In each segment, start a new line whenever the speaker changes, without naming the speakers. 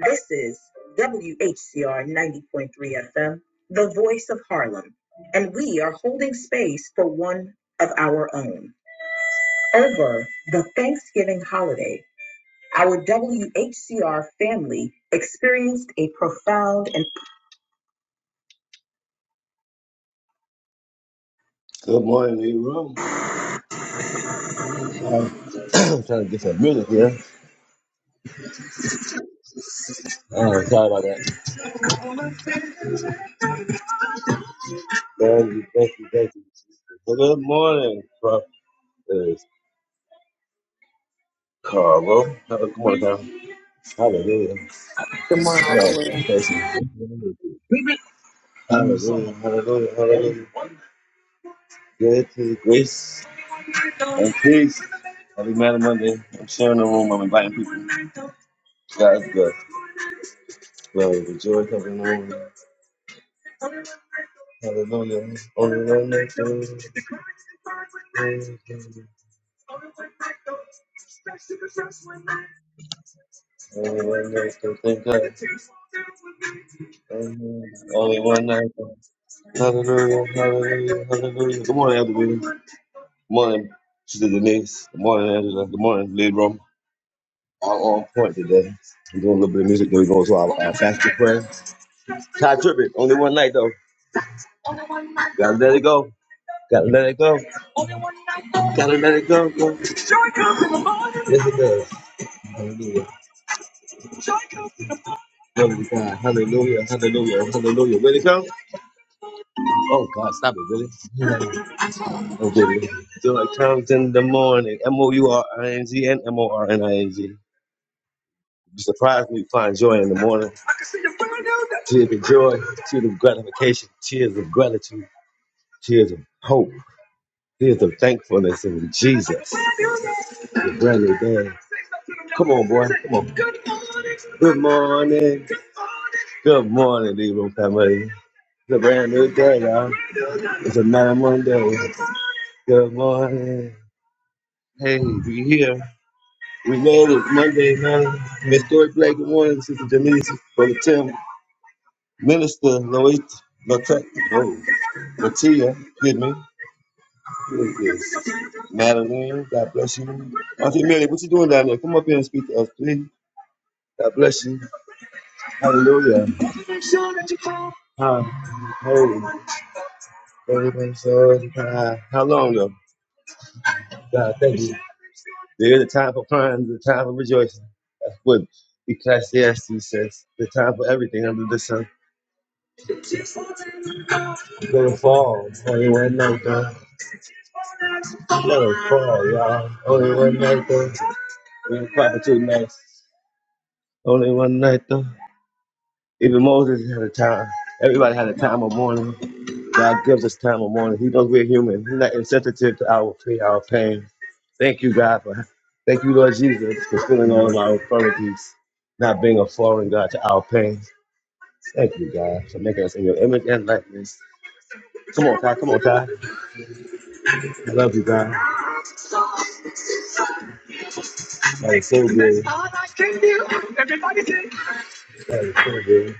This is WHCR 90.3 FM, the voice of Harlem, and we are holding space for one of our own. Over the Thanksgiving holiday, our WHCR family experienced a profound and Good morning, Leroy. I guess I really Oh, Thank you, thank you, thank you. Good morning, brothers. Carlo. Have a good morning, Carlo. Hallelujah.
tomorrow the
Yeah,
way I'm
Hallelujah, hallelujah, hallelujah. Good to the grace. Hey, peace. Happy Matter Monday. I'm sharing the room. I'm inviting people. God is good. Well, rejoice. Hallelujah. Hallelujah. Only one knows the Only one knows the Thank God. Amen. Only one knows the Hallelujah. Hallelujah. Hallelujah. Good morning, Elder William. Good morning, Sister Denise. Good morning, Angela. Good morning, Lead Room. I'm on point today. I'm doing a little bit of music. Then we go to our, our fasting prayer. Ty Trippett. Only one night, though. Gotta let it go. Gotta let it go. Gotta let it go. Yes, it does. Hallelujah. Glory to God. Hallelujah. Hallelujah. Hallelujah. Where'd go? Oh, God, stop it, really? Oh, really? So it comes in the morning. M O U R I N G and M O R N I N G. Be surprised when you find joy in the morning. Tears of joy, tears of gratification, tears of gratitude, tears of hope, tears of thankfulness in Jesus. It's a brand new day. Come on, boy. Come on. Good morning. Good morning, Libra family. It's a brand new day, y'all. It's another Monday. Good morning. Hey, we here. We made it Monday night. Miss Dory Blake, good morning. Sister Denise, Brother Tim, Minister Lois Latia, oh, Latia, excuse me. Who is this? Madeline, God bless you. Auntie Millie, what you doing down there? Come up here and speak to us, please. God bless you. Hallelujah. Hi. Everything's so Hi. How long though? God, thank you. There is a time for crying, there's a time for rejoicing. That's what Ecclesiastes says. The time for everything under the sun. It falls, only one night though. Let it fall, y'all. Only one night though. We ain't proper two nights. Only one night though. Even Moses had a time. Everybody had a time of mourning. God gives us time of mourning. He knows we're human. He's not insensitive to our pain, our pain. Thank you, God, for thank you, Lord Jesus, for filling all of our infirmities, not being a foreign God to our pain. Thank you, God, for making us in your image and likeness. Come on, Ty. Come on, Ty. I love you, God. That is so good. That is so good.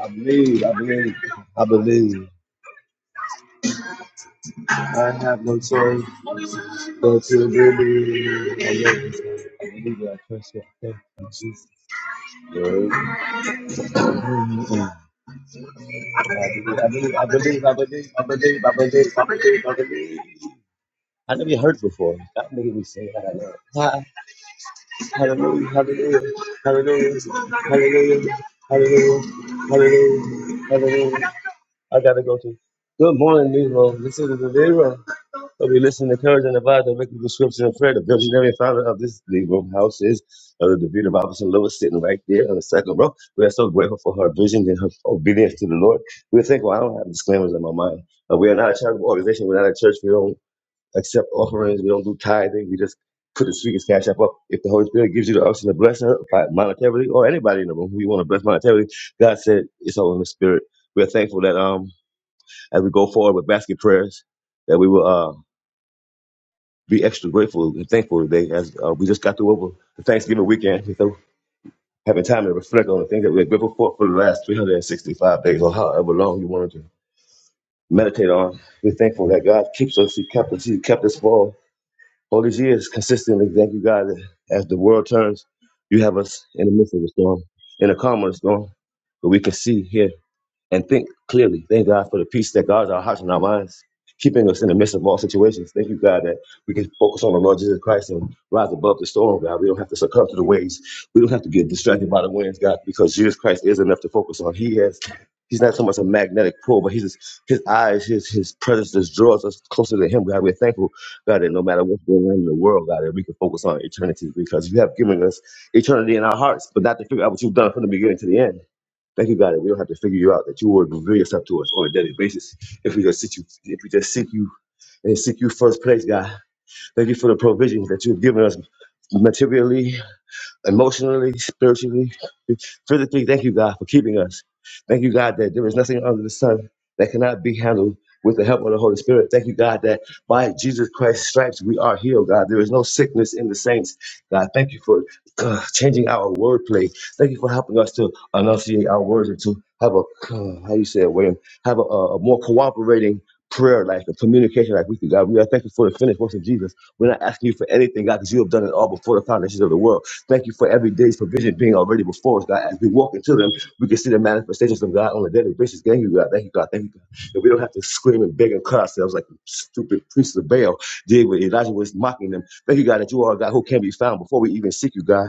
I believe, I believe, I believe. I have no choice but to believe. I love you, God. I believe that I trust you. I Thank you, Jesus. Lord. Mm. I believe, I believe, I believe, I believe, I believe, I believe, I believe. I believe. I never heard before. God made me say that. Hallelujah, hallelujah, hallelujah, hallelujah, hallelujah, hallelujah, hallelujah. I gotta go to. Good morning, Nero. This is the Nero. will be listening to courage and the vibe that make the description of prayer. The visionary founder of this Negro house is Elder Davida Robinson Lewis, sitting right there on the second row. We are so grateful for her vision and her obedience to the Lord. We think, well, I don't have disclaimers in my mind. Uh, we are not a charitable organization. We're not a church. We don't accept offerings. We don't do tithing. We just put the sweetest cash app up. If the Holy Spirit gives you the option to bless her by- monetarily or anybody in the room who you want to bless monetarily, God said it's all in the spirit. We are thankful that um as we go forward with basket prayers, that we will uh be extra grateful and thankful today as uh, we just got through over the Thanksgiving weekend. We having time to reflect on the things that we're grateful for for the last 365 days or however long you wanted to meditate on. We're thankful that God keeps us. He kept us. He kept us for All these years, consistently, thank you, God, that as the world turns, you have us in the midst of a storm, in the calm of the storm, but we can see here and think clearly. Thank God for the peace that guards our hearts and our minds, keeping us in the midst of all situations. Thank you, God, that we can focus on the Lord Jesus Christ and rise above the storm, God. We don't have to succumb to the waves. We don't have to get distracted by the winds, God, because Jesus Christ is enough to focus on. He has. He's not so much a magnetic pull, but he's just, his eyes, his his presence just draws us closer to him. God, we're thankful, God, that no matter what's going on in the world, God, that we can focus on eternity because you have given us eternity in our hearts, but not to figure out what you've done from the beginning to the end. Thank you, God, that we don't have to figure you out, that you will reveal yourself to us on a daily basis if we just seek you, if we just seek you and seek you first place, God. Thank you for the provisions that you have given us materially, emotionally, spiritually, physically. Thank you, God, for keeping us. Thank you, God, that there is nothing under the sun that cannot be handled with the help of the Holy Spirit. Thank you, God, that by Jesus Christ's stripes we are healed, God. There is no sickness in the saints, God. Thank you for uh, changing our wordplay. Thank you for helping us to enunciate our words and to have a, uh, how you say it, William, have a, a more cooperating prayer life and communication life with you, God. We are thankful for the finished works of Jesus. We're not asking you for anything, God, because you have done it all before the foundations of the world. Thank you for every day's provision being already before us, God. As we walk into them, we can see the manifestations of God on a daily basis. Thank you, God. Thank you, God. Thank you, God. That we don't have to scream and beg and cry ourselves like the stupid priests of Baal did when Elijah was mocking them. Thank you, God, that you are a God who can be found before we even seek you, God.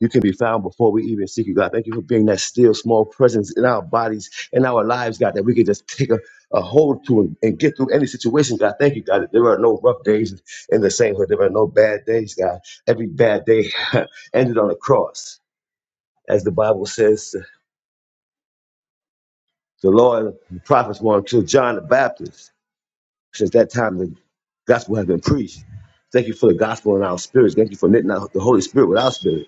You can be found before we even seek you, God. Thank you for being that still small presence in our bodies, in our lives, God, that we can just take a, a hold to and, and get through any situation, God. Thank you, God, that there are no rough days in the sainthood. There are no bad days, God. Every bad day ended on a cross, as the Bible says. The Lord and the prophets were until John the Baptist. Since that time, the gospel has been preached. Thank you for the gospel in our spirits. Thank you for knitting out the Holy Spirit with our spirit,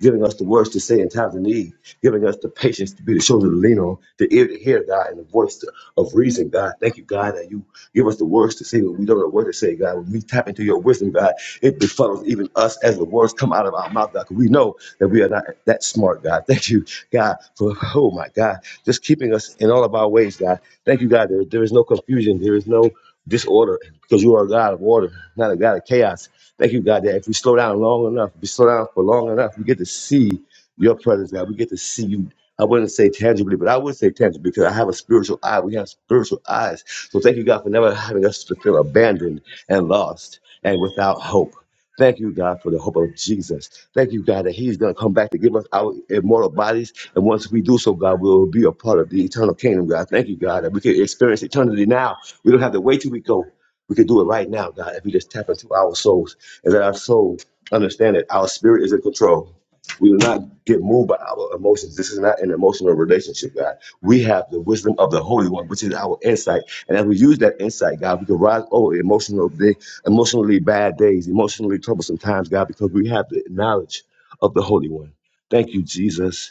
giving us the words to say in times of need, giving us the patience to be the shoulder to lean on, the ear to hear, God, and the voice to, of reason, God. Thank you, God, that you give us the words to say when we don't know what to say, God. When we tap into your wisdom, God, it befuddles even us as the words come out of our mouth, God, 'cause we know that we are not that smart, God. Thank you, God, for, oh my God, just keeping us in all of our ways, God. Thank you, God. There, there is no confusion. There is no disorder because you are a God of order, not a God of chaos. Thank you, God, that if we slow down long enough, if we slow down for long enough, we get to see your presence, God. We get to see you. I wouldn't say tangibly, but I would say tangibly because I have a spiritual eye. We have spiritual eyes. So thank you, God, for never having us to feel abandoned and lost and without hope. Thank you, God, for the hope of Jesus. Thank you, God, that He's going to come back to give us our immortal bodies. And once we do so, God, we'll be a part of the eternal kingdom, God. Thank you, God, that we can experience eternity now we don't have to wait till we go. We can do it right now, God, if we just tap into our souls and let our soul understand that our spirit is in control. We will not get moved by our emotions. This is not an emotional relationship, God. We have the wisdom of the Holy One, which is our insight. And as we use that insight, God, we can rise over emotional day, emotionally bad days, emotionally troublesome times, God, because we have the knowledge of the Holy One. Thank you, Jesus.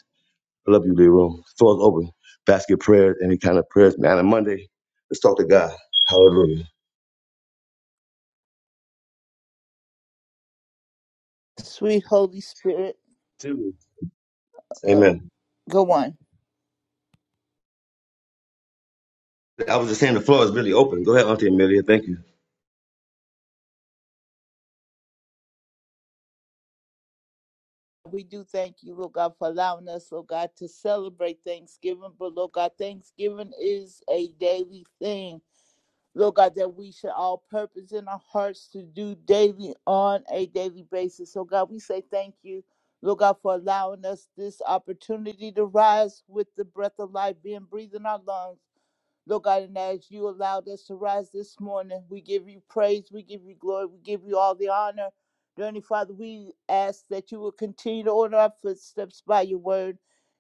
I love you, Leroy. Floor's open. Basket prayers, any kind of prayers, man. On Monday, let's talk to God. Hallelujah.
Sweet Holy Spirit,
Two.
uh,
Amen.
go on.
I was just saying the floor is really open. Go ahead, Auntie Amelia. Thank you.
We do thank you, Lord God, for allowing us, Lord God, to celebrate Thanksgiving. But Lord God, Thanksgiving is a daily thing. Lord God, that we should all purpose in our hearts to do daily on a daily basis. So God, we say thank you, Lord God, for allowing us this opportunity to rise with the breath of life being breathed in our lungs. Lord God, and as you allowed us to rise this morning, we give you praise, we give you glory, we give you all the honor. Dear Heavenly Father, we ask that you will continue to order our footsteps by your word.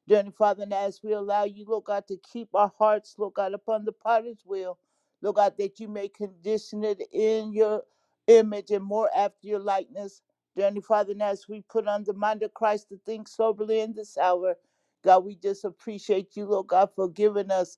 Dear Heavenly Father, and as we allow you, Lord God, to keep our hearts, Lord God, upon the potter's wheel, Lord God, that you may condition it in your image and more after your likeness. Dear Heavenly Father, and as we put on the mind of Christ to think soberly in this hour, God, we just appreciate you, Lord God, for giving us.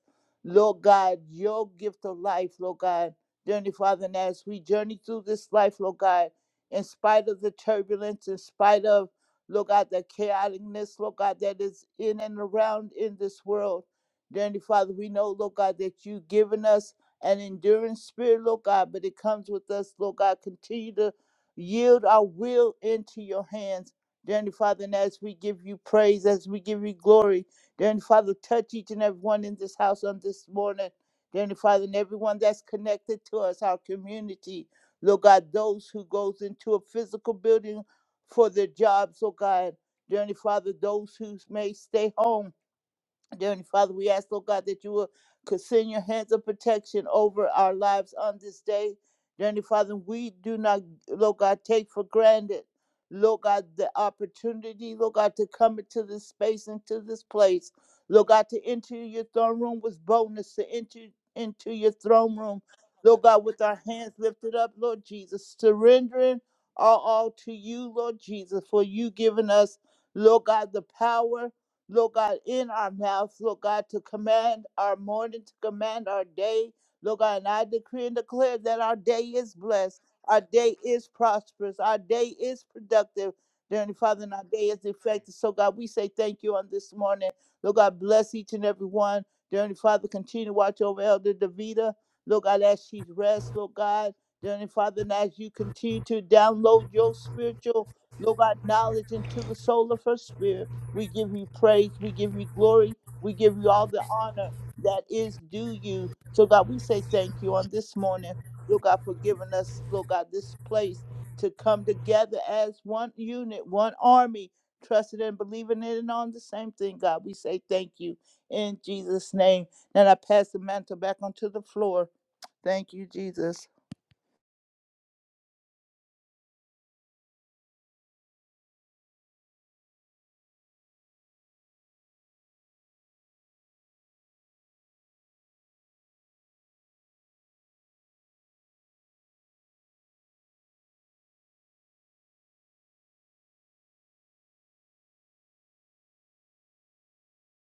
Lord God, your gift of life, Lord God. Journey, Father, and as we journey through this life, Lord God, in spite of the turbulence, in spite of, Lord God, the chaoticness, Lord God, that is in and around in this world. Journey, Father, we know, Lord God, that you've given us an enduring spirit, Lord God, but it comes with us, Lord God. Continue to yield our will into your hands. Dearly Father, and as we give you praise, as we give you glory, Dear Heavenly Father, touch each and every one in this house on this morning. Dear Heavenly Father, and everyone that's connected to us, our community. Lord God, those who goes into a physical building for their jobs, oh God. Dear Heavenly Father, those who may stay home Dear Heavenly Father, we ask, Lord God, that you will send your hands of protection over our lives on this day. Dear Heavenly Father, we do not, Lord God, take for granted, Lord God, the opportunity, Lord God, to come into this space, into this place. Lord God, to enter your throne room with boldness, to enter into your throne room, Lord God, with our hands lifted up, Lord Jesus, surrendering all, all to you, Lord Jesus, for you giving us, Lord God, the power. Lord God, in our mouth, Lord God, to command our morning, to command our day. Lord God, and I decree and declare that our day is blessed, our day is prosperous, our day is productive. Dear Heavenly Father, and our day is effective. So, God, we say thank you on this morning. Lord God, bless each and every one. Dear Heavenly Father, continue to watch over Elder Davida. Lord God, as she rests, Lord God. Dear Heavenly Father, and as you continue to download your spiritual, Lord God, knowledge into the soul of her spirit. We give you praise. We give you glory. We give you all the honor that is due you. So, God, we say thank you on this morning. Lord God, for giving us, Lord God, this place to come together as one unit, one army, trusting and believing in and on the same thing, God. We say thank you in Jesus' name. And I pass the mantle back onto the floor. Thank you, Jesus.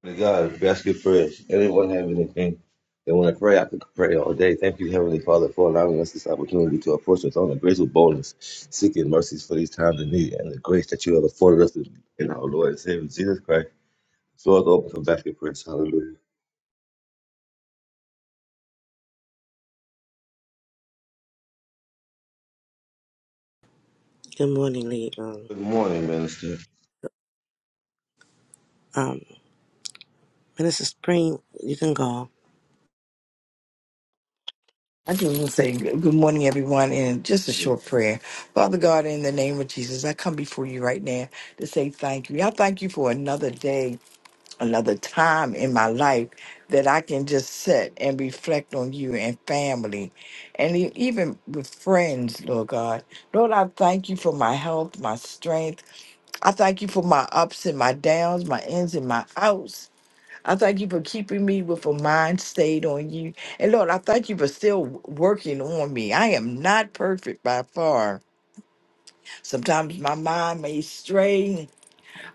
To God, basket prayers. Anyone have anything they want to pray, I could pray all day. Thank you, Heavenly Father, for allowing us this opportunity to approach your throne in grace with boldness, seeking mercies for these times of need and the grace that you have afforded us in in our Lord and Savior Jesus Christ. Floor is open for basket prayers. Hallelujah.
Good morning, Lead Room.
Good morning, Minister.
Um, Minister Spring, you can go.
I just want to say good good morning, everyone, and just a short prayer. Father God, in the name of Jesus, I come before you right now to say thank you. I thank you for another day, another time in my life that I can just sit and reflect on you and family and e- even with friends, Lord God. Lord, I thank you for my health, my strength. I thank you for my ups and my downs, my ins and my outs. I thank you for keeping me with a mind stayed on you. And Lord, I thank you for still working on me. I am not perfect by far. Sometimes my mind may stray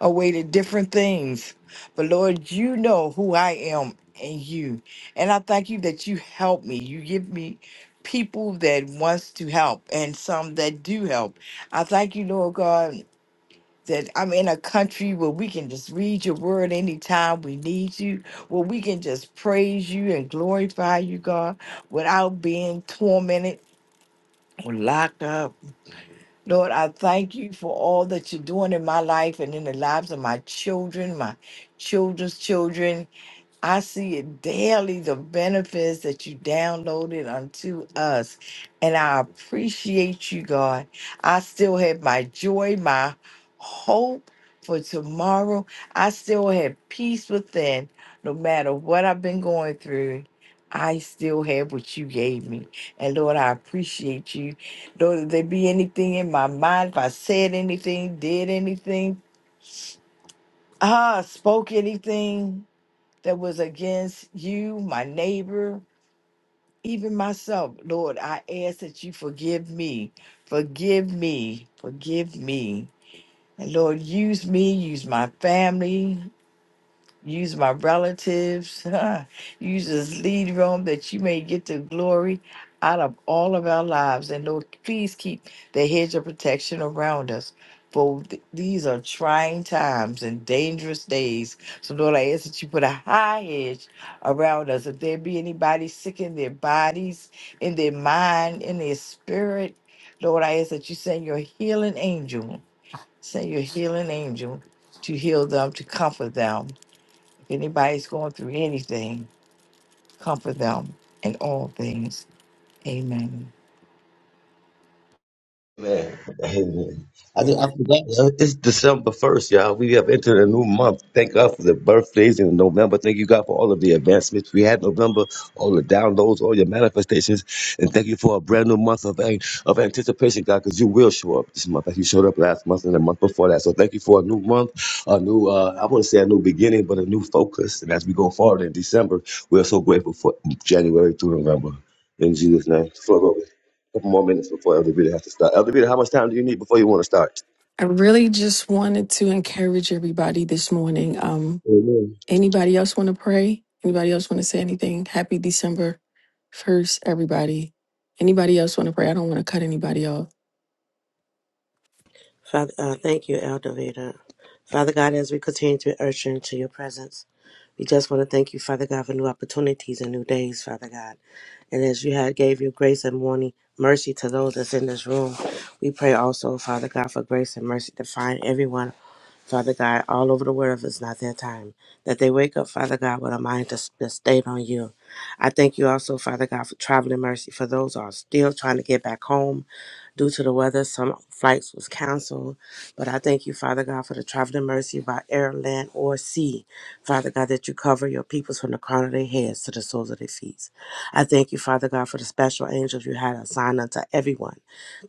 away to different things. But Lord, you know who I am and you. And I thank you that you help me. You give me people that wants to help and some that do help. I thank you, Lord God that I'm in a country where we can just read your word anytime we need you, where we can just praise you and glorify you, God, without being tormented or locked up. Lord, I thank you for all that you're doing in my life and in the lives of my children, my children's children, I see it daily, the benefits that you downloaded unto us. And I appreciate you, God. I still have my joy, my hope for tomorrow. I still have peace within. No matter what I've been going through, I still have what you gave me. And Lord, I appreciate you. Lord, if there be anything in my mind, if I said anything, did anything, ah, spoke anything, that was against you, my neighbor, even myself. Lord, I ask that you forgive me, forgive me, forgive me. And Lord, use me, use my family, Use my relatives. Use this lead room that you may get the glory out of all of our lives. And Lord, please keep the hedge of protection around us. For th- these are trying times and dangerous days. So, Lord, I ask that you put a high hedge around us. If there be anybody sick in their bodies, in their mind, in their spirit, Lord, I ask that you send your healing angel, send your healing angel to heal them, to comfort them if anybody's going through anything, comfort them in all things. Amen.
Amen. Amen. I, just, I
Amen.
forgot. y'all. It's December first, y'all. We have entered a new month. Thank God for the birthdays in November. Thank you, God, for all of the advancements we had in November, all the downloads, all your manifestations, and thank you for a brand new month of an- of anticipation, God, because you will show up this month, like you showed up last month and the month before that. So thank you for a new month, a new uh, I wouldn't say a new beginning, but a new focus. And as we go forward in December, we are so grateful for January through November. In Jesus' name, floor over couple more minutes before Elder Beauty has to start. Elder Beauty, how much time do you need before you want to start?
I really just wanted to encourage everybody this morning. Um,
Amen.
anybody else want to pray? Anybody else want to say anything? Happy December 1st, everybody. Anybody else want to pray? I don't want to cut anybody off.
Father, uh, thank you, Elder Veda. Father God, as we continue to be usher into your presence, we just want to thank you, Father God, for new opportunities and new days, Father God. And as you had gave your grace and morning mercy to those that's in this room, we pray also, Father God, for grace and mercy to find everyone Father God, all over the world if it's not their time, that they wake up, Father God, with a mind to, to stay on you. I thank you also, Father God, for traveling mercy for those who are still trying to get back home Due to the weather, some flights was canceled. But I thank you, Father God, for the traveling mercy by air, land, or sea. Father God, that you cover your peoples from the crown of their heads to the soles of their feet. I thank you, Father God, for the special angels you had assigned unto everyone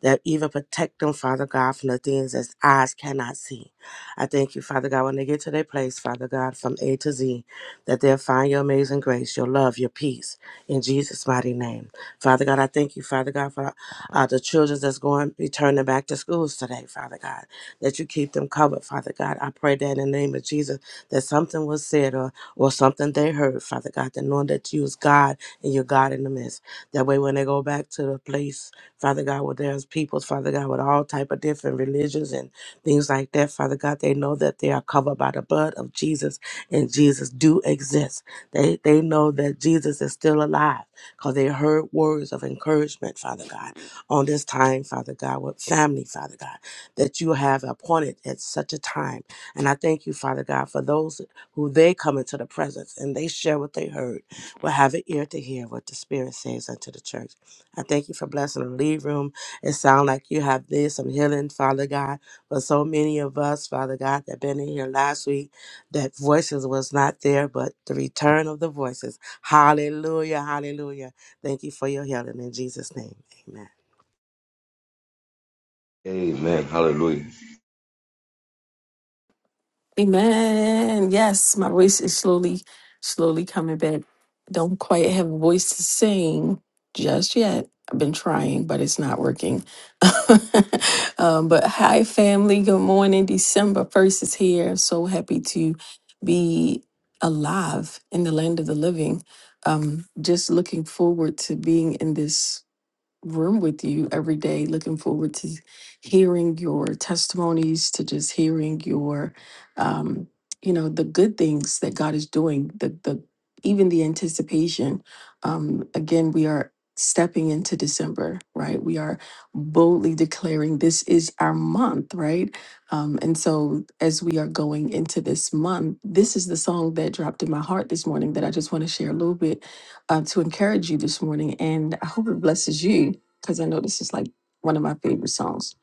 that even protect them, Father God, from the things that eyes cannot see. I thank you, Father God, when they get to their place, Father God, from A to Z, that they'll find your amazing grace, your love, your peace in Jesus' mighty name. Father God, I thank you, Father God, for uh, the children that's going to be turning back to schools today, Father God, that you keep them covered, Father God. I pray that in the name of Jesus, that something was said or, or something they heard, Father God, that knowing that you is God and you're God in the midst. That way when they go back to the place, Father God, where there's peoples, Father God, with all type of different religions and things like that, Father God, they know that they are covered by the blood of Jesus and Jesus do exist. They, they know that Jesus is still alive because they heard words of encouragement, Father God on this time, Father God, with family, Father God, that you have appointed at such a time. And I thank you, Father God, for those who they come into the presence and they share what they heard, will have an ear to hear what the Spirit says unto the church. I thank you for blessing the lead room. It sounds like you have did some healing, Father God, for so many of us, Father God, that been in here last week, that voices was not there, but the return of the voices. Hallelujah, hallelujah. Thank you for your healing in Jesus' name. Amen.
Amen. Hallelujah.
Amen. Yes, my voice is slowly, slowly coming back. Don't quite have a voice to sing just yet. I've been trying, but it's not working. um, but hi, family. Good morning. December 1st is here. I'm So happy to be alive in the land of the living. Um, just looking forward to being in this room with you every day. Looking forward to hearing your testimonies, to just hearing your, um, you know, the good things that God is doing. The the even the anticipation. Um, again, we are stepping into December, right? We are boldly declaring this is our month, right? Um, and so as we are going into this month, this is the song that dropped in my heart this morning that I just want to share a little bit uh, to encourage you this morning, and I hope it blesses you because I know this is like one of my favorite songs.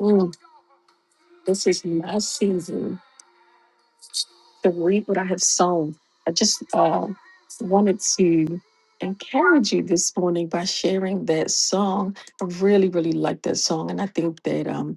Mm, this is my season. to reap what I have sown. I just uh, wanted to encourage you this morning by sharing that song. I really, really like that song. And I think that um,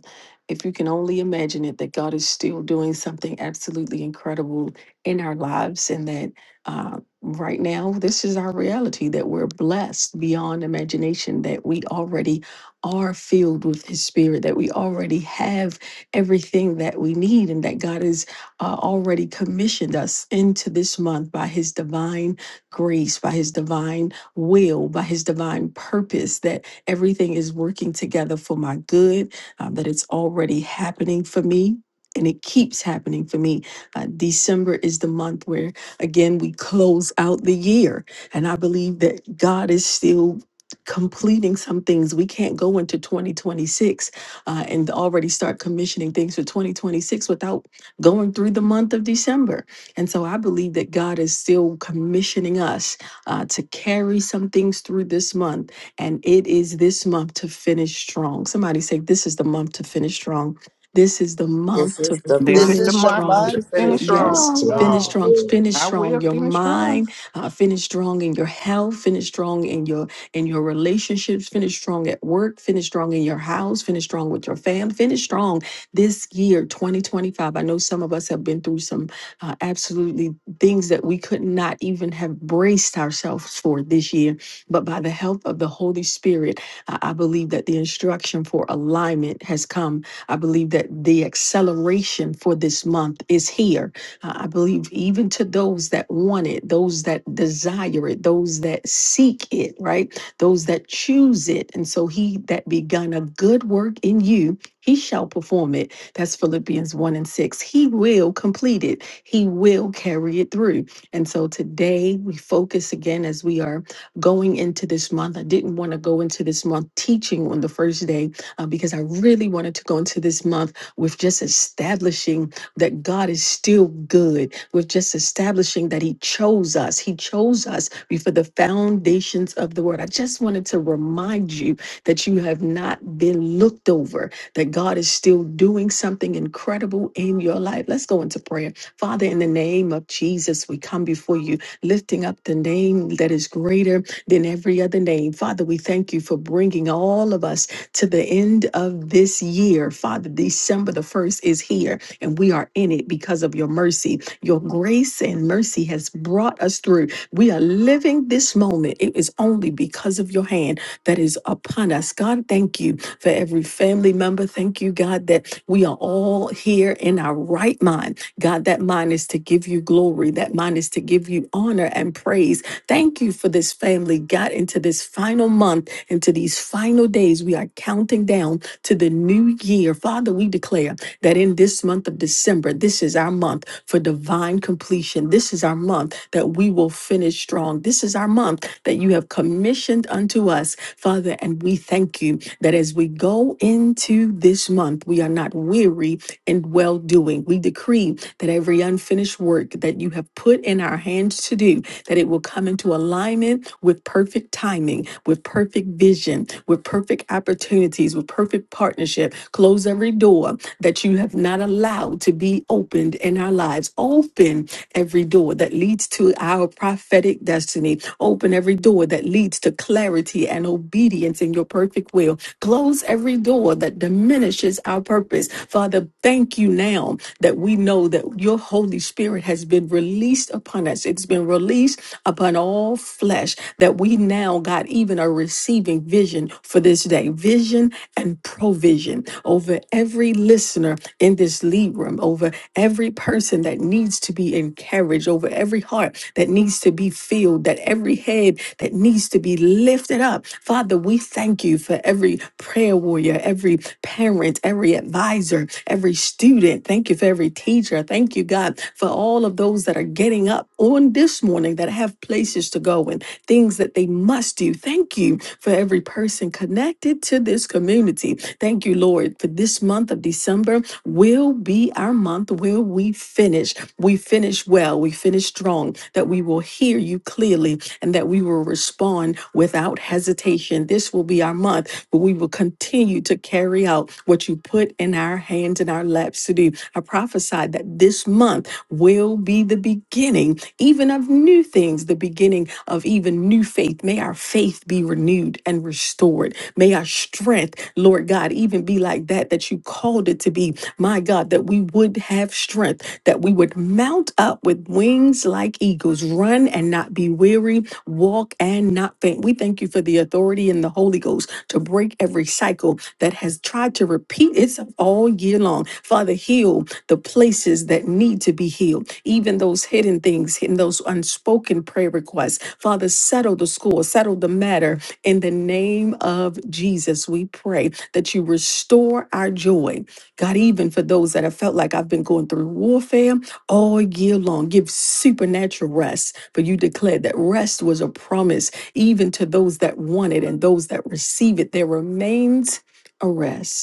if you can only imagine it, that God is still doing something absolutely incredible in our lives, and that uh, right now, this is our reality that we're blessed beyond imagination, that we already are filled with His Spirit, that we already have everything that we need, and that God is uh, already commissioned us into this month by His divine grace, by His divine will, by His divine purpose, that everything is working together for my good, um, that it's already happening for me. And it keeps happening for me. Uh, December is the month where, again, we close out the year. And I believe that God is still completing some things. We can't go into 2026 uh, and already start commissioning things for 2026 without going through the month of December. And so I believe that God is still commissioning us uh, to carry some things through this month. And it is this month to finish strong. Somebody say, This is the month to finish strong. This is the month
This
to
is the
This
This
month
is the
finish
is the
month
going
strong.
to
month
to finish
of
to
finish
strong.
finish
Yes,
strong.
finish
strong,
strong.
strong, finish
I
strong.
will
Your
finish strong.
mind, uh, finish strong in your health, finish strong in your in your relationships, finish strong at work, finish strong in your house, finish strong with your fam, finish strong this year, 2025, I know some of us have been through some uh, absolutely things that we could not even have braced ourselves for this year. But by the help of the Holy Spirit, I, I believe that the instruction for alignment has come. I believe that the acceleration for this month is here. Uh, I believe even to those that want it, those that desire it, those that seek it, right? Those that choose it. And so he that begun a good work in you he shall perform it. That's Philippians 1 and 6. He will complete it, He will carry it through. And so today we focus again as we are going into this month. I didn't want to go into this month teaching on the first day uh, because I really wanted to go into this month with just establishing that God is still good, with just establishing that He chose us. He chose us before the foundations of the world. I just wanted to remind you that you have not been looked over that God is still doing something incredible in your life. Let's go into prayer. Father, in the name of Jesus, we come before you, lifting up the name that is greater than every other name. Father, we thank you for bringing all of us to the end of this year. Father, December the 1st is here, and we are in it because of your mercy. Your grace and mercy has brought us through. We are living this moment. It is only because of your hand that is upon us. God, thank you for every family member. Thank you, God, that we are all here in our right mind. God, that mind is to give you glory, that mind is to give you honor and praise. Thank you for this family, God, into this final month, into these final days. We are counting down to the new year. Father, we declare that in this month of December, this is our month for divine completion. This is our month that we will finish strong. This is our month that you have commissioned unto us Father, and we thank you that as we go into this month, we are not weary in well doing. We decree that every unfinished work that you have put in our hands to do that it will come into alignment with perfect timing, with perfect vision, with perfect opportunities, with perfect partnership. Close every door that you have not allowed to be opened in our lives. Open every door that leads to our prophetic destiny. Open every door that leads to clarity and obedience in your perfect will. Close every door that diminishes our purpose. Father, thank you now that we know that your Holy Spirit has been released upon us upon us. It's been released upon all flesh that we now, God, even are receiving vision for this day, vision and provision over every listener in this lead room, over every person that needs to be encouraged, over every heart that needs to be filled, that every head that needs to be lifted up. Father, we thank you for every prayer warrior, every parent, every advisor, every student. Thank you for every teacher. Thank you, God, for all of those those that are getting up on this morning that have places to go and things that they must do. Thank you for every person connected to this community. Thank you, Lord, for this month of December will be our month where we finish. We finish well, we finish strong, that we will hear you clearly and that we will respond without hesitation. This will be our month, but we will continue to carry out what you put in our hands and our laps to do. I prophesied that this month, will be the beginning, even of new things, the beginning of even new faith. May our faith be renewed and restored. May our strength, Lord God, even be like that that you called it to be. My God, that we would have strength, that we would mount up with wings like eagles, run and not be weary, walk and not faint. We thank you for the authority in the Holy Ghost to break every cycle that has tried to repeat itself all year long. Father, heal the places that need to be healed, even those hidden things, hidden those unspoken prayer requests. Father, settle the score, settle the matter. In the name of Jesus, we pray that you restore our joy. God, even for those that have felt like I've been going through warfare all year long, give supernatural rest. For you declared that rest was a promise, even to those that want it and those that receive it. There remains a rest.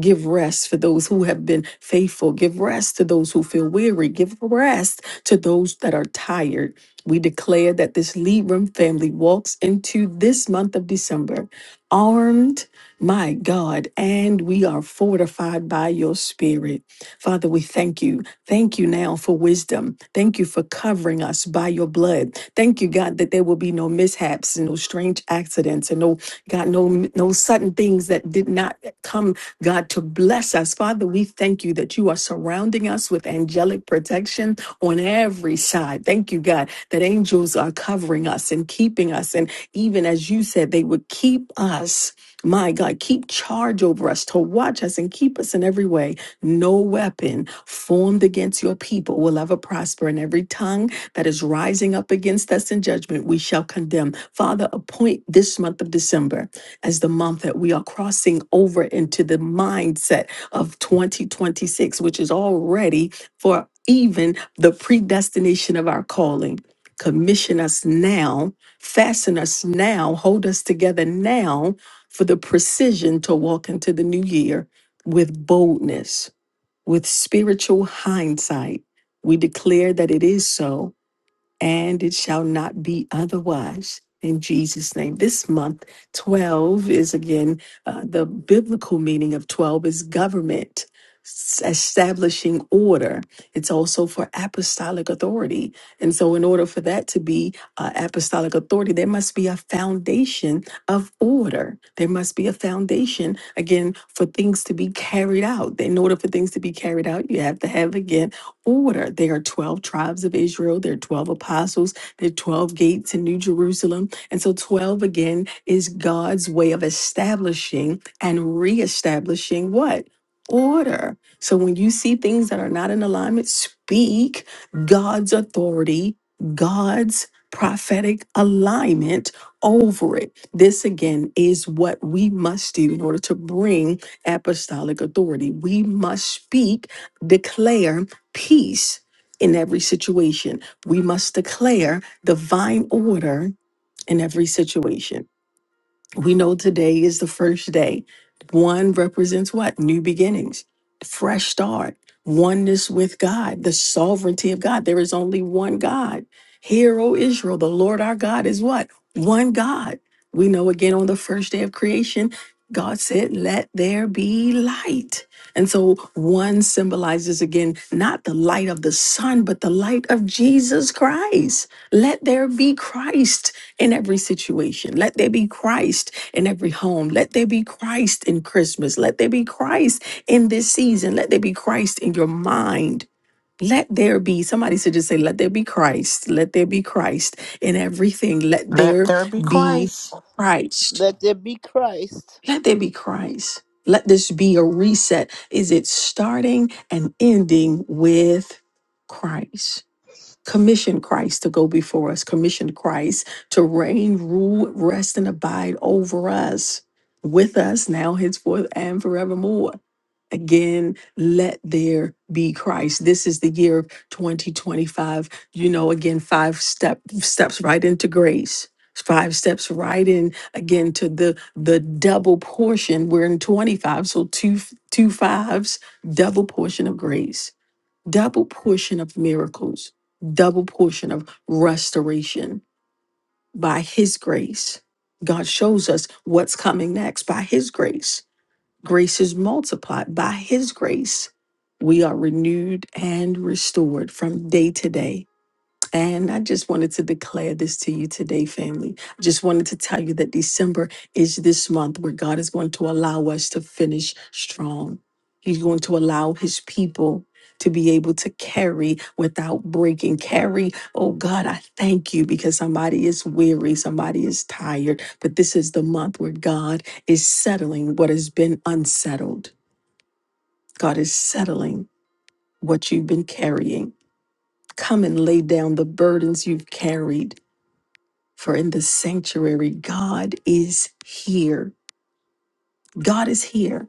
Give rest for those who have been faithful. Give rest to those who feel weary. Give rest to those that are tired. We declare that this lead room family walks into this month of December armed, my God, and we are fortified by your spirit. Father, we thank you. Thank you now for wisdom. Thank you for covering us by your blood. Thank you, God, that there will be no mishaps and no strange accidents and no, God, no, no sudden things that did not come God, to bless us. Father, we thank you that you are surrounding us with angelic protection on every side. Thank you, God, that angels are covering us and keeping us. And even as you said, they would keep us. My God, keep charge over us to watch us and keep us in every way. No weapon formed against your people will ever prosper, and every tongue that is rising up against us in judgment, we shall condemn. Father, appoint this month of December as the month that we are crossing over into the mindset of 2026, which is already for even the predestination of our calling. Commission us now, fasten us now, hold us together now for the precision to walk into the new year with boldness, with spiritual hindsight. We declare that it is so and it shall not be otherwise. In Jesus' name. This month, 12 is again uh, the biblical meaning of 12 is government, s- establishing order. It's also for apostolic authority. And so, in order for that to be uh, apostolic authority, there must be a foundation of order. There must be a foundation, again, for things to be carried out. In order for things to be carried out, you have to have, again, order. There are 12 tribes of Israel, there are 12 apostles, there are 12 gates in New Jerusalem. And so 12 again is God's way of establishing and reestablishing what? Order. So when you see things that are not in alignment, speak God's authority, God's prophetic alignment over it. This again is what we must do in order to bring apostolic authority. We must speak, declare, peace in every situation. We must declare divine order in every situation. We know today is the first day. One represents what? New beginnings, fresh start, oneness with God, the sovereignty of God. There is only one God. Hear, O Israel, the Lord our God is what? One God. We know again on the first day of creation, God said, Let there be light. And so one symbolizes again not the light of the sun, but the light of Jesus Christ. Let there be Christ in every situation. Let there be Christ in every home. Let there be Christ in Christmas. Let there be Christ in this season. Let there be Christ in your mind. Let there be, somebody should just say, let there be Christ. Let there be Christ in everything. Let
Let
there
there be
be
Christ.
Christ.
Let there be Christ.
Let there be Christ. Let this be a reset. Is it starting and ending with Christ? Commission Christ to go before us, commission Christ to reign, rule, rest, and abide over us, with us now, henceforth, and forevermore. Again, let there be Christ. This is the year of 2025. You know, again, five step steps right into grace. Five steps right in again to the the double portion. We're in 25, so two two fives, double portion of grace double portion of miracles, double portion of restoration by His grace. God shows us what's coming next by His grace. Grace is multiplied by His grace. We are renewed and restored from day to day and I just wanted to declare this to you today, family. I just wanted to tell you that December is this month where God is going to allow us to finish strong. He's going to allow his people to be able to carry without breaking. Carry, oh God, I thank you because somebody is weary, somebody is tired. But this is the month where God is settling what has been unsettled. God is settling what you've been carrying. Come and lay down the burdens you've carried for in the sanctuary, God is here. God is here.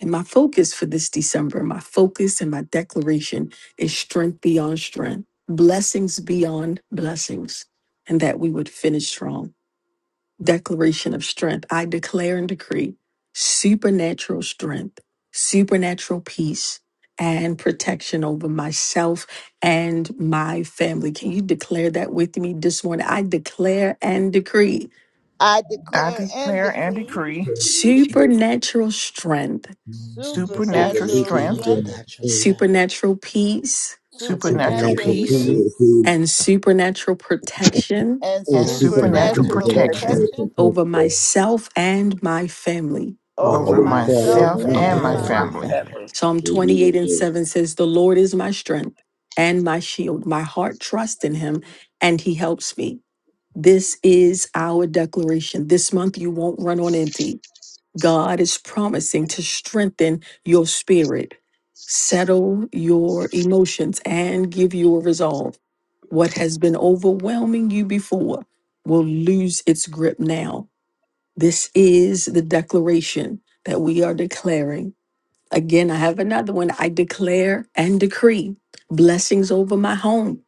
And my focus for this December, my focus and my declaration is strength beyond strength, blessings beyond blessings, and that we would finish strong. Declaration of strength. I declare and decree supernatural strength, supernatural peace, and protection over myself and my family. Can you declare that with me this morning? I declare and decree
I
I
declare and
declare and
decree
decree
supernatural strength,
Mhm. with the
supernatural
supernatural
strength,
strength,
supernatural
supernatural,
strength,
supernatural peace,
supernatural
supernatural
supernatural
supernatural
peace,
peace,
peace
peace,
and supernatural protection
and
and
and
and
supernatural
supernatural
supernatural
supernatural
I
protection
protection
protection
just
protection
over myself and my family.
over
over
over
over
myself
myself
myself
myself
go
and my
and
and
my
my
and my
family.
family.
family.
family.
Psalm 28 and 7 says, The Lord is my strength and my shield. My heart trusts in him and he helps me. This is our declaration. This month, you won't run on empty. God is promising to strengthen your spirit, settle your emotions, and give you a resolve. What has been overwhelming you before will lose its grip now. This is the declaration that we are declaring. Again, I have another one. I declare and decree blessings over my home,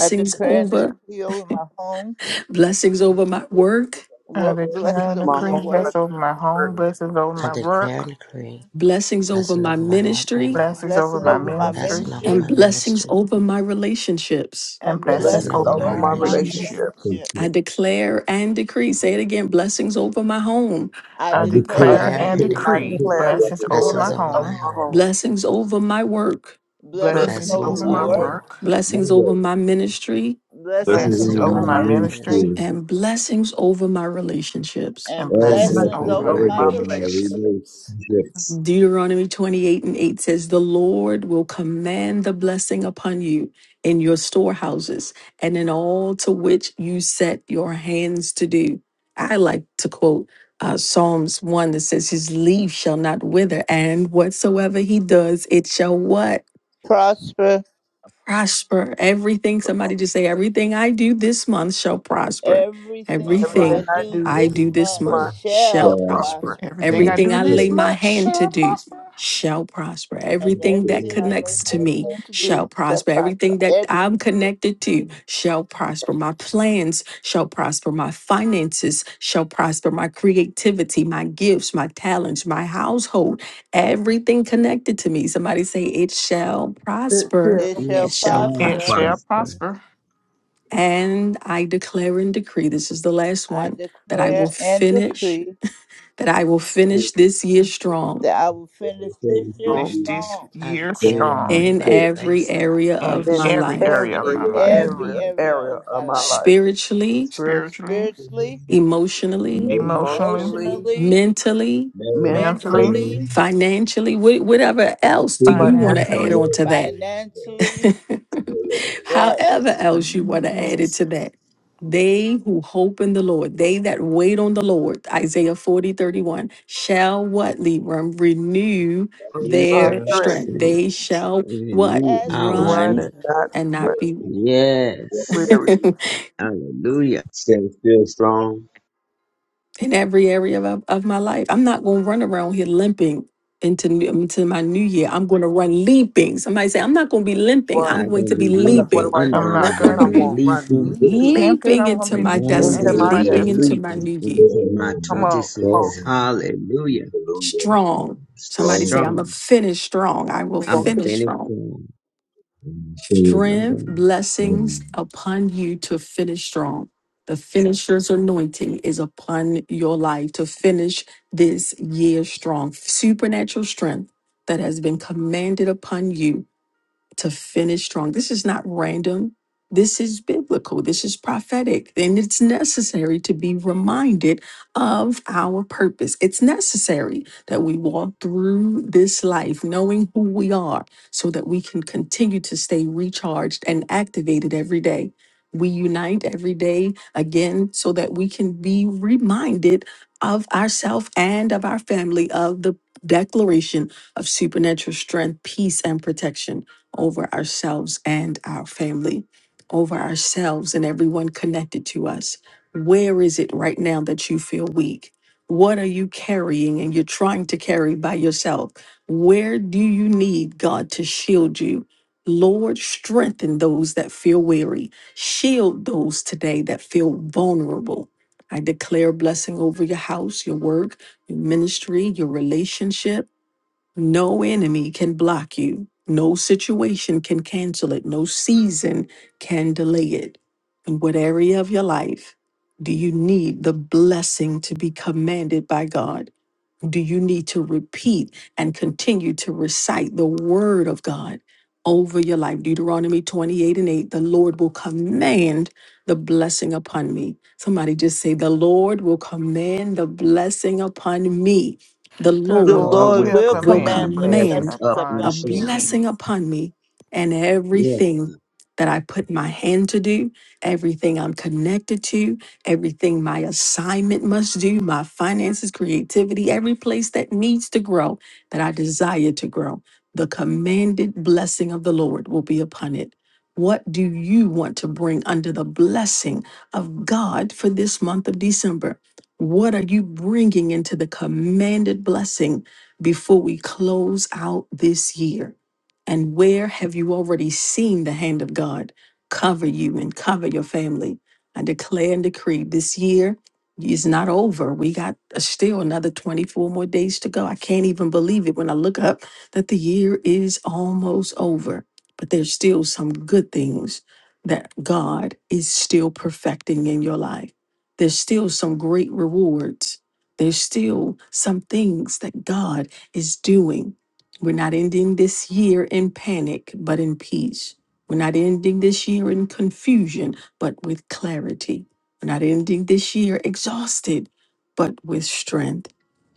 I declare and
over,
decree over my home,
blessings over my work,
I
work
declare
blessings
and
over
my
the
decree
whole life
blessings
work,
over
with
my
my
home,
work.
blessings over
I
my
declare and
work,
decree
blessings over
blessing
my
over my home and
ministry,
my
blessings
work,
over
blessing
my
over my
ministry,
blessing over
ministry,
and
my
blessings
ministry,
over my relationships.
and
and
blessings
blessing
Blessings
blessings
over
over
my
over
over
my
my
my
Thank you,
relationship.
relationship.
relationships.
relationships.
I declare and decree, say it again blessings over my home,
I
I
I
declare
declare
Declare
and
and
and
decree and I
decree
decree
decree
blessings
declare
blessings over my
blessings
over
blessings
over
my
over
my
home,
my
home,
home,
home.
blessings over my work,
Blessings
blessings
Blessings
over
blessings
over
over
my
my
my
over
Bless,
work,
my
work.
work,
work,
blessings over my ministry,
blessings
blessings
Blessings
blessings
over
over
blessing
over
over
my
my
over
my
my
my
ministry.
ministry,
ministry,
ministry,
ministry,
and blessings over my relationships.
and
and
And
All
blessings
blessing
blessings
blessings
over
blessings
over
my
over
my
over
my
over,
my
man.
relationship.
relationship.
relationships.
relationships.
Relationships.
Deuteronomy 28 and 8 says, The Lord will command the blessing upon you in your storehouses and in all to which you set your hands to do. I like to quote uh, Psalms 1 that says, His leaf shall not wither, and whatsoever he does, it shall what?
Prosper.
prosper. Everything, somebody just say, everything I do this month shall prosper.
Everything that I
Everything
Prosper.
Everything
I
do
do,
I
this
do this
month
Prosper.
month
my
shall
shall
shall
prosper.
prosper.
prosper.
Everything I
Everything
do
I lay
this
my
month
hand to
shall
do
prosper.
shall prosper.
And
Everything that
everything I lay
connects to
my
me
hand to
shall
do shall
prosper.
prosper.
Everything that
Everything.
I'm connected to shall prosper. My plans shall prosper. My finances shall prosper. My creativity, my gifts, my talents, my household, everything connected to me. Somebody say, it shall
Sit
prosper
It
still
It
It
shall
it shall
shall
shall
It
prosper.
prosper.
shall
prosper.
prosper.
prosper.
And I declare and decree this is the last
I
one that I will
declare and
finish,
decree
that I will finish this year strong
that I will finish this year
Finish
strong
this
strong
I
year
declare and
strong
agree
in
by the
every
grace that I
area
will free
in
of my
in
every
life
area of
in
my
every
life
every
area,
area
area
of
of
my
my
life
life.
spiritually,
Spiritually,
spiritually,
spiritually,
emotionally,
emotionally,
emotionally,
emotionally,
mentally,
mentally,
mentally.
mentally,
financially, wh- whatever else do you want to add
financially
financially.
on to that?
financially. Yes.
However,
In the
else you
name of
want to add it
Jesus.
to that. They who hope in the Lord, they that wait on the Lord, Isaiah 40 31, shall what, Libram? Renew
You
uh,
their
will
stressed,
strength.
see
They shall what?
renew
As
our
run
Run
strength.
and not
and not
but
be
Yes.
weary.
in
Hallelujah.
Stand still strong.
every area of, of my life. I'm not going to run around here limping into, new- into my new year. I'm going to run leaping. Somebody say, I'm not going to be limping.
I'm
I'm
Run.
not
going to
going to
be
be
I'm like, what
leaping.
limping.
am I
I'm
here
I'm
going to
not
be
limping?
going to
I'm
be
going to run
leaping.
leaping
tempted.
leaping
I'm going to
into
be
my
leaping
I'm
into
destiny,
into
going to
my
my
be
leaping
destiny.
into
destiny.
my
leaping
new year.
into my
Come on, come on.
26.
Strong.
Hallelujah.
Strong. Somebody say,
strong
I'm going to
Strong.
finish strong. I will
We're
I'm
going
a
to
finish
finished
strong.
form.
and free
Strength, blessings
and
upon you to finish strong. The finisher's anointing is upon your life to finish this year strong. Supernatural strength that has been commanded upon you to finish strong. This is not random. This is biblical. This is prophetic. And it's necessary to be reminded of our purpose. It's necessary that we walk through this life knowing who we are so that we can continue to stay recharged and activated every day. We unite every day again so that we can be reminded of ourselves and of our family of the declaration of supernatural strength, peace, and protection over ourselves and our family, over ourselves and everyone connected to us. Where is it right now that you feel weak? What are you carrying and you're trying to carry by yourself? Where do you need God to shield you? Lord, strengthen those that feel weary. Shield those today that feel vulnerable. I declare blessing over your house, your work, your ministry, your relationship. No enemy can block you. No situation can cancel it. No season can delay it. In what area of your life do you need the blessing to be commanded by God? Do you need to repeat and continue to recite the word of God over your life? Deuteronomy 28 and 8 The Lord will command the blessing upon me. Somebody just say, The Lord will command the blessing upon me. The
The
The
The
Lord
Lord
Lord
Lord
with
will
will
you,
will
command the
command
bringing
the
blessing
blessings
command
blessings
up in
upon
a
upon me.
Sharon.
me.
blessing upon me and
Yes.
everything that I put my hand to do, everything I'm connected to, everything my assignment must do, my finances, creativity, every place that needs to grow, that I desire to grow. The commanded blessing of the Lord will be upon it. What do you want to bring under the blessing of God for this month of December? What are you bringing into the commanded blessing? before we close out this year? And where have you already seen the hand of God cover you and cover your family? I declare and decree this year is not over. We got uh, still another 24 more days to go. I can't even believe it when I look up that the year is almost over. But there's still some good things that God is still perfecting in your life. There's still some great rewards. There's still some things that God is doing. We're not ending this year in panic, but in peace. We're not ending this year in confusion, but with clarity. We're not ending this year exhausted, but with strength.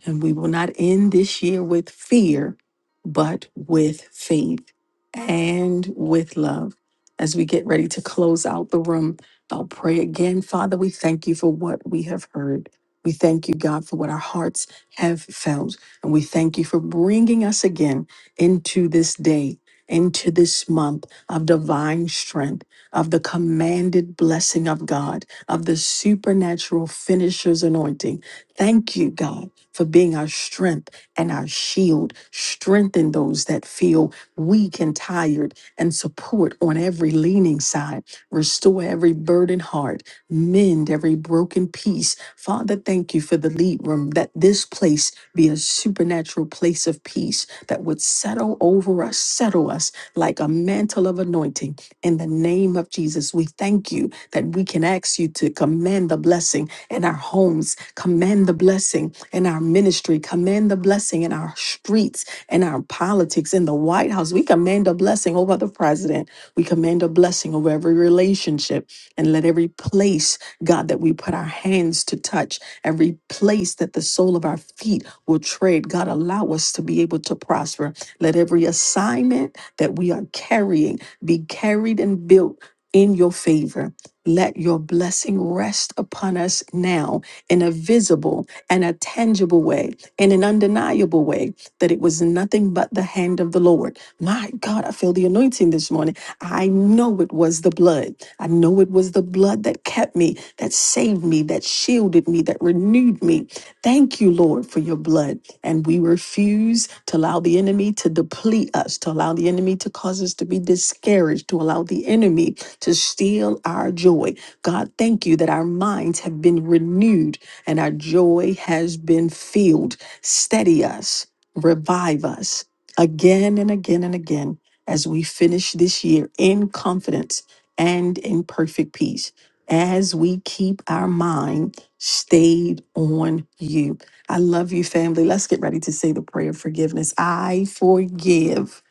And we will not end this year with fear, but with faith and with love. As we get ready to close out the room, I'll pray again. Father, we thank you for what we have heard. We thank you, God, for what our hearts have felt. And we thank you for bringing us again into this day, into this month of divine strength, of the commanded blessing of God, of the supernatural finisher's anointing. Thank you, God, for being our strength and our shield. Strengthen those that feel weak and tired and support on every leaning side. Restore every burdened heart. Mend every broken piece. Father, thank you for the lead room that this place be a supernatural place of peace that would settle over us, settle us like a mantle of anointing. In the name of Jesus, we thank you that we can ask you to command the blessing in our homes, command the blessing in our ministry, command the blessing in our streets, in our politics, in the White House. We command a blessing over the president. We command a blessing over every relationship and let every place, God, that we put our hands to touch every place that the sole of our feet will tread. God, allow us to be able to prosper. Let every assignment that we are carrying be carried and built in your favor. Let your blessing rest upon us now in a visible and a tangible way, in an undeniable way that it was nothing but the hand of the Lord. My God, I feel the anointing this morning. I know it was the blood. I know it was the blood that kept me, that saved me, that shielded me, that renewed me. Thank you, Lord, for your blood. And we refuse to allow the enemy to deplete us, to allow the enemy to cause us to be discouraged, to allow the enemy to steal our joy. God, thank you that our minds have been renewed and our joy has been filled. Steady us revive us again and again and again as we finish this year in confidence and in perfect peace as we keep our mind stayed on you. I love you, family. Let's get ready to say the prayer of forgiveness. I forgive.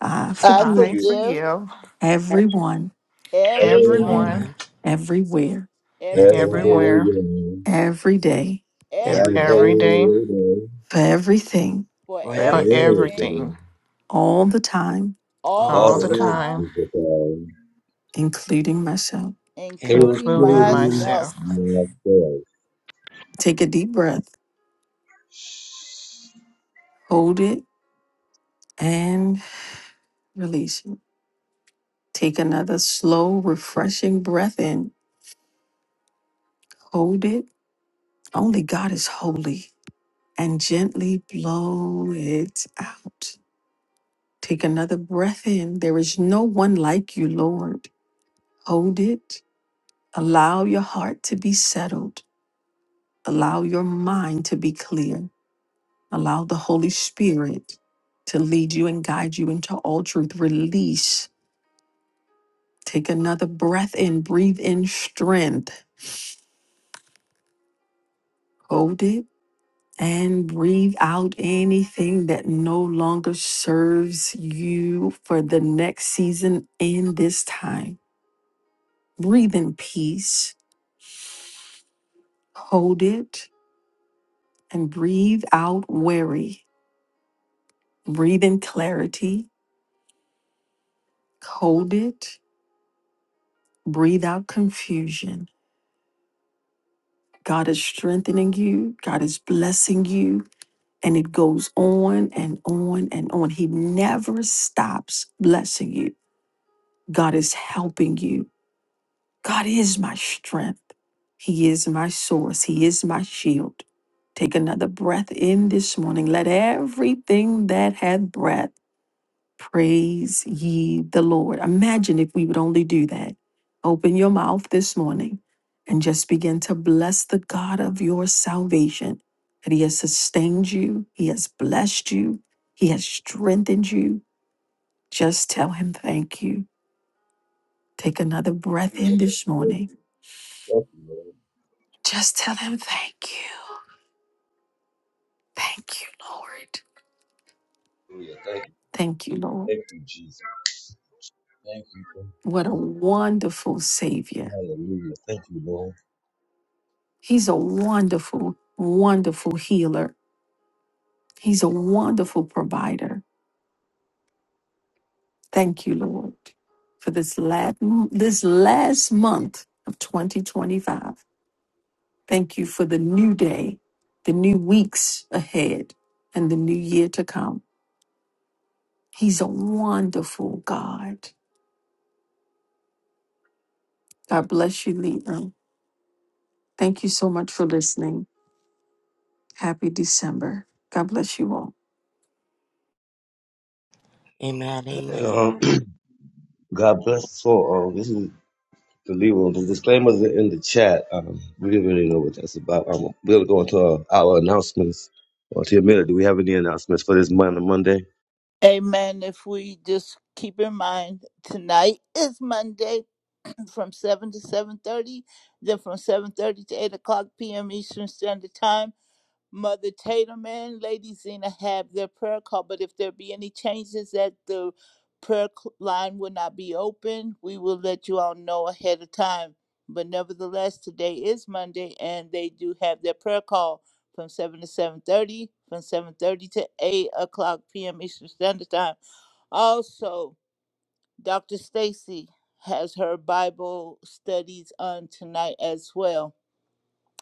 I
I
I
forgive
get
forgive
forgive
everyone,
everyone,
on
everyone,
everyone,
everywhere,
every
everywhere,
everywhere,
day,
everywhere,
every day,
every
every
every
every day,
every
day,
day
day,
day,
for everything,
for
for
for
for
everything,
everything.
everything,
forever.
everything,
all the time,
all
all
all
the
the
the
Shalom,
All
time,
else
time,
time,
is a God.
including myself.
including
including
including
Including
myself.
myself.
myself.
myself.
Take a deep breath, hold it, and. Release. Take another slow, refreshing breath in. Hold it. Only God is holy. And gently blow it out. Take another breath in. There is no one like you, Lord. Hold it. Allow your heart to be settled. Allow your mind to be clear. Allow the Holy Spirit to lead you and guide you into all truth. Release. Take another breath in. Breathe in strength. Hold it and breathe out anything that no longer serves you for the next season in this time. Breathe in peace, hold it, and breathe out worry. Breathe in clarity, hold it, breathe out confusion. God is strengthening you, God is blessing you, and it goes on and on and on. He never stops blessing you. God is helping you. God is my strength. He is my source. He is my shield. Take another breath in this morning. Let everything that hath breath praise ye the Lord. Imagine if we would only do that. Open your mouth this morning and just begin to bless the God of your salvation. That He has sustained you, He has blessed you, He has strengthened you. Just tell Him thank you. Take another
Thank
breath
you,
in
Lord.
this morning
Thank you, thank you, Lord.
Just tell him thank you. Thank you, Lord.
Hallelujah. Thank you,
Thank you, Lord.
thank you, Jesus. Thank you, thank you.
What a
thank
wonderful
you.
Savior.
Hallelujah. Thank you, Lord.
He's a wonderful, wonderful healer. He's a wonderful provider. Thank you, Lord, for this last, this last month of 2025. Thank you for the new day, the new weeks ahead, and the new year to come. He's a wonderful God. God bless you, Leon. Thank you so much for listening. Happy December. God bless you all.
Amen, amen.
Uh, God bless us all. Um, this is The Leroy, the disclaimers are in the chat. Um, we didn't really know what that's about. Um, we're gonna go into our, our announcements. Well, to a minute, do we have any announcements for this month on Monday?
Amen. If we just keep in mind, tonight is Monday from 7 to 7.30, then from 7.30 to 8 o'clock p.m. Eastern Standard Time. Mother Tatum and Lady Zena have their prayer call, but if there be any changes that the prayer cl- line will not be open, we will let you all know ahead of time. But nevertheless, today is Monday, and they do have their prayer call from seven to seven thirty, from seven thirty to eight o'clock p.m. Eastern Standard Time. Also, Dr. Stacy has her Bible studies on tonight as well.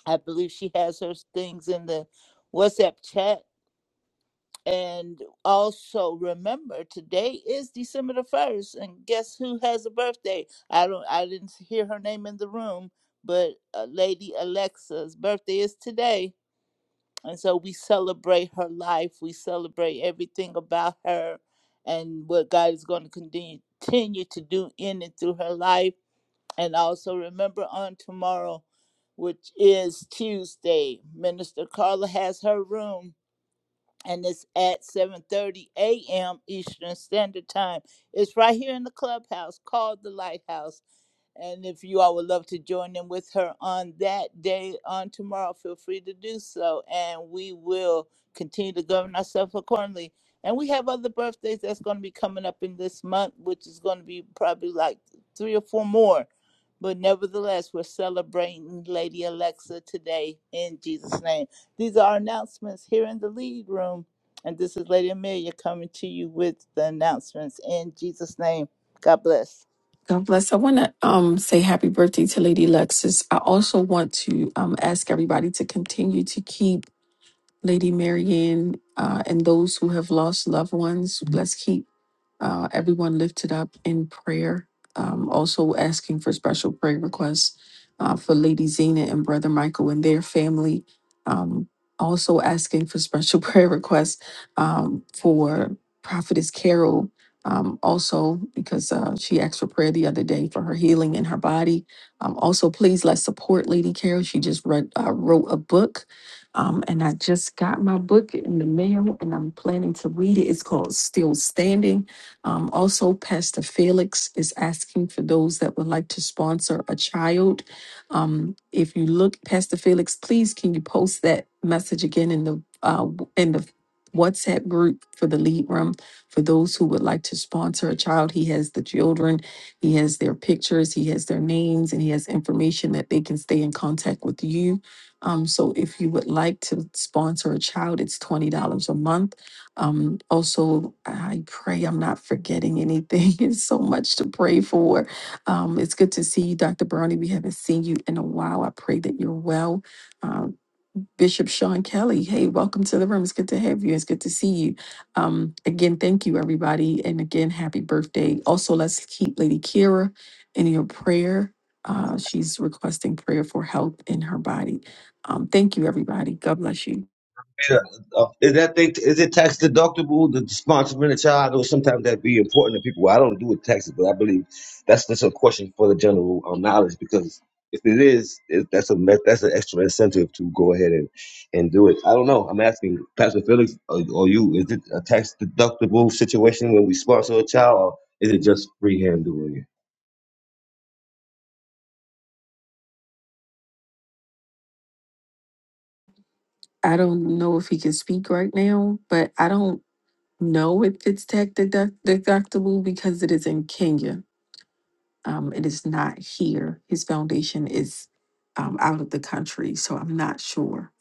I believe she has her things in the WhatsApp chat and also remember today is December the first, and guess who has a birthday? I don't I didn't hear her name in the room, but uh, Lady Alexa's birthday is today. And so we celebrate her life, we celebrate everything about her and what God is going to continue continue to do in and through her life. And also remember on tomorrow, which is Tuesday, Minister Carla has her room and it's at 7:30 a.m. Eastern Standard Time. It's right here in the clubhouse called the Lighthouse. And if you all would love to join in with her on that day, on tomorrow, feel free to do so. And we will continue to govern ourselves accordingly. And we have other birthdays that's going to be coming up in this month, which is going to be probably like three or four more. But nevertheless, we're celebrating Lady Alexa today in Jesus' name. These are our announcements here in the lead room. And this is Lady Amelia coming to you with the announcements in Jesus' name. God bless.
God bless. I want to um, say happy birthday to Lady Lexus. I also want to um, ask everybody to continue to keep Lady Marianne, uh, and those who have lost loved ones. Let's keep uh, everyone lifted up in prayer. Um, also, asking for special prayer requests uh, for Lady Zena and Brother Michael and their family. Um, also, asking for special prayer requests um, for Prophetess Carol. Um, also, because uh, she asked for prayer the other day for her healing in her body. Um, also, please let's support Lady Carol. She just read, uh, wrote a book um, and I just got my book in the mail and I'm planning to read it. It's called Still Standing. Um, also, Pastor Felix is asking for those that would like to sponsor a child. Um, if you look, Pastor Felix, please can you post that message again in the uh, in the WhatsApp group for the lead room for those who would like to sponsor a child. He has the children, he has their pictures, he has their names, and he has information that they can stay in contact with you um, so if you would like to sponsor a child, it's $20 a month. Um, also, I pray I'm not forgetting anything. It's so much to pray for. Um, it's good to see you, Dr. Brownie. We haven't seen you in a while. I pray that you're well. Uh, Bishop Sean Kelly. Hey, welcome to the room. It's good to have you. It's good to see you. Um, again, thank you, everybody. And again, happy birthday. Also, let's keep Lady Kira in your prayer. Uh, she's requesting prayer for health in her body. Um, thank you, everybody. God bless you.
Yeah, uh, is that thing is it tax deductible? The sponsoring a child, or sometimes that be important to people. I don't do it taxes, but I believe that's just a question for the general um, knowledge because if it is, it, that's a me- that's an extra incentive to go ahead and, and do it. I don't know. I'm asking Pastor Felix or, or you, is it a tax deductible situation when we sponsor a child, or is it just freehand doing it?
I don't know if he can speak right now, but I don't know if it's tech deduct- deductible because it is in Kenya. Um, it is not here. His foundation is um, out of the country, so I'm not sure.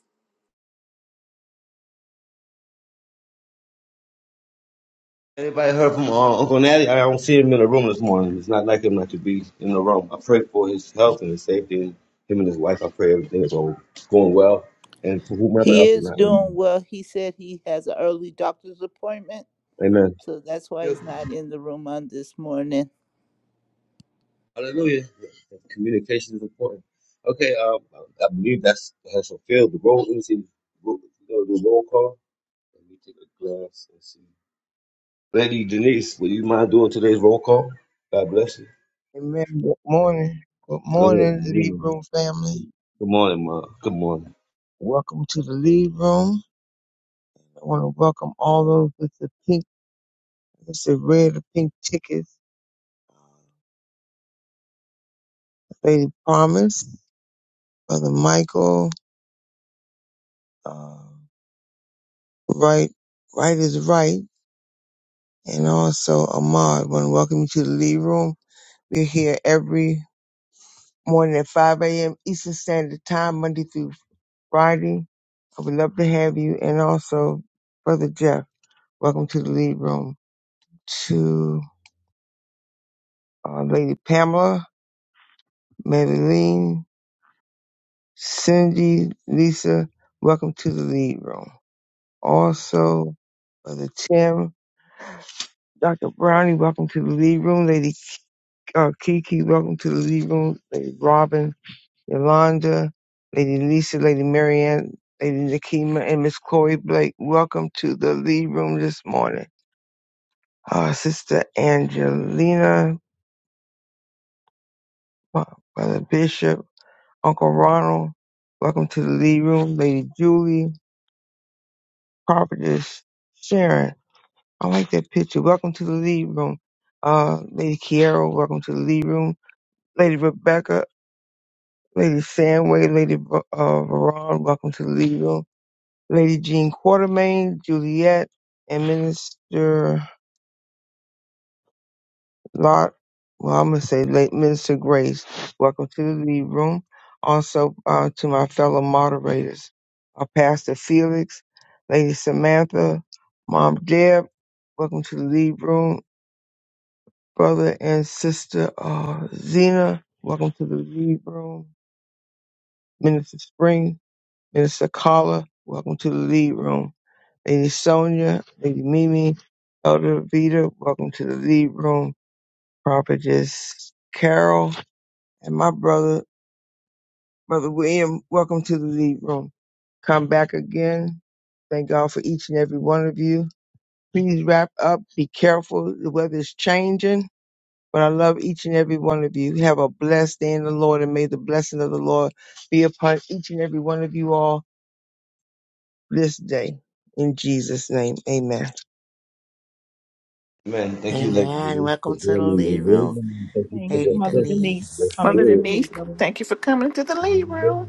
Anybody heard from uh, Uncle Natty? I don't see him in the room this morning. It's not like him not to be in the room. I pray for his health and his safety. And him and his wife, I pray everything is all going well. And for whomever
He
else is
is
not.
doing well. He said he has an early doctor's appointment,
Amen.
so that's why
Yeah.
he's not in the room on this morning.
Hallelujah. Communication is important. Okay, um, I believe that's has fulfilled the role. Let me see. Ro- you know, The roll call. Let me take a glass and see. Lady Denise, would you mind doing today's roll call? God bless you.
Amen. Good morning. Good
Good
morning, Lead
morning.
Room family.
Good morning, Ma. Good morning.
Welcome to the Lead Room. I want to welcome all those with the pink, with the red, or pink tickets. Lady Promise, Brother Michael, uh, right, right is right, and also Ahmad. I want to welcome you to the Lead Room. We're here every morning at 5 a.m. Eastern Standard Time, Monday through Friday. I would love to have you, and also Brother Jeff. Welcome to the Lead Room. to uh, Lady Pamela, Madeline, Cindy, Lisa. Welcome to the lead room. Also, Brother Tim, Dr. Brownie, welcome to the lead room. Lady uh, Kiki, welcome to the lead room. Lady Robin, Yolanda, Lady Lisa, Lady Marianne, Lady Nakima, and Miss Chloe Blake. Welcome to the lead room this morning. Uh, Sister Angelina, uh, Brother Bishop. Uncle Ronald. Welcome to the lead room, Lady Julie, Prophetess Sharon. I like that picture. Welcome to the lead room, uh, Lady Kiera. Welcome to the lead room, Lady Rebecca, Lady Samway, Lady uh, Veron. Welcome to the lead room, Lady Jean Quartermain, Juliet, and Minister. Lord Muhammad say, late Minister Grace. Welcome to the lead room. Also uh, to my fellow moderators, uh, Pastor Felix, Lady Samantha, Mom Deb. Welcome to the lead room, brother and sister uh, Zena. Welcome to the lead room, Minister Spring, Minister Carla. Welcome to the lead room, Lady Sonia, Lady Mimi, Elder Vita. Welcome to the lead room, Prophetess Carol. and my brother, Brother William, welcome to the lead room. Come back again. Thank God for each and every one of you. Please wrap up. Be careful. The weather's changing, but I love each and every one of you. Have a blessed day in the Lord, and may the blessing of the Lord be upon each and every one of you all this day. In Jesus' name, amen.
Amen. Thank you, Lady
Amen.
Denise, for
Welcome to the
bringing your
lead room,
wisdom. Thank you for your
Lady
Mother
presence,
Denise, for
Denise.
your
coming
Mother
to the
spirit.
Denise,
meeting.
thank you for coming to the lead room.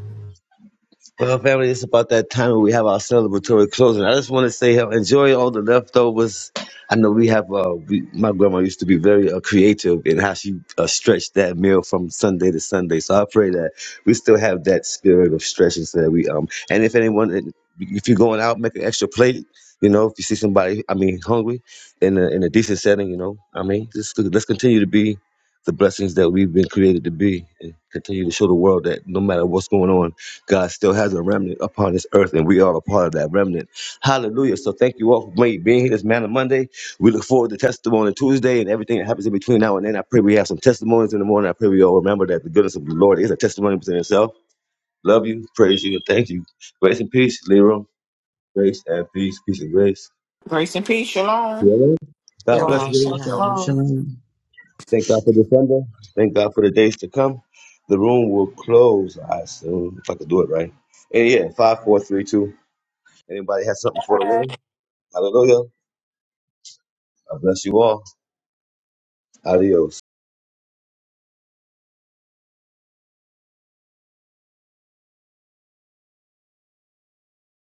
Well, family, it's about that time where we have our celebratory closing. I just want to say, uh, enjoy all the leftovers. I know we have. Uh, we, my grandma used to be very uh, creative in how she uh, stretched that meal from Sunday to Sunday. So I pray that we still have that spirit of stretching, so that we um. And if anyone, if you're going out, make an extra plate. You know, if you see somebody, I mean, hungry, in a in a decent setting, you know, I mean, just let's continue to be the blessings that we've been created to be, and continue to show the world that no matter what's going on. God still has a remnant upon this earth, and we are a part of that remnant. Hallelujah. So thank you all for being being here this man of Monday. We look forward to testimony Tuesday and everything that happens in between now and then. I pray we have some testimonies in the morning. I pray we all remember that the goodness of the Lord is a testimony within itself. Love you, praise you, and thank you. Grace and peace, Leroy. Grace and peace, peace and grace.
Grace and peace, shalom.
Whoever, God bless
Shalom,
shalom,
you.
shalom.
Shalom,
shalom.
shalom.
Thank God for December. Thank God for the days to come. The room will close, I assume, if I could do it right. And yeah, five, four, three, two Anybody has something for the
Bye.
win? Hallelujah. I bless you all. Adios.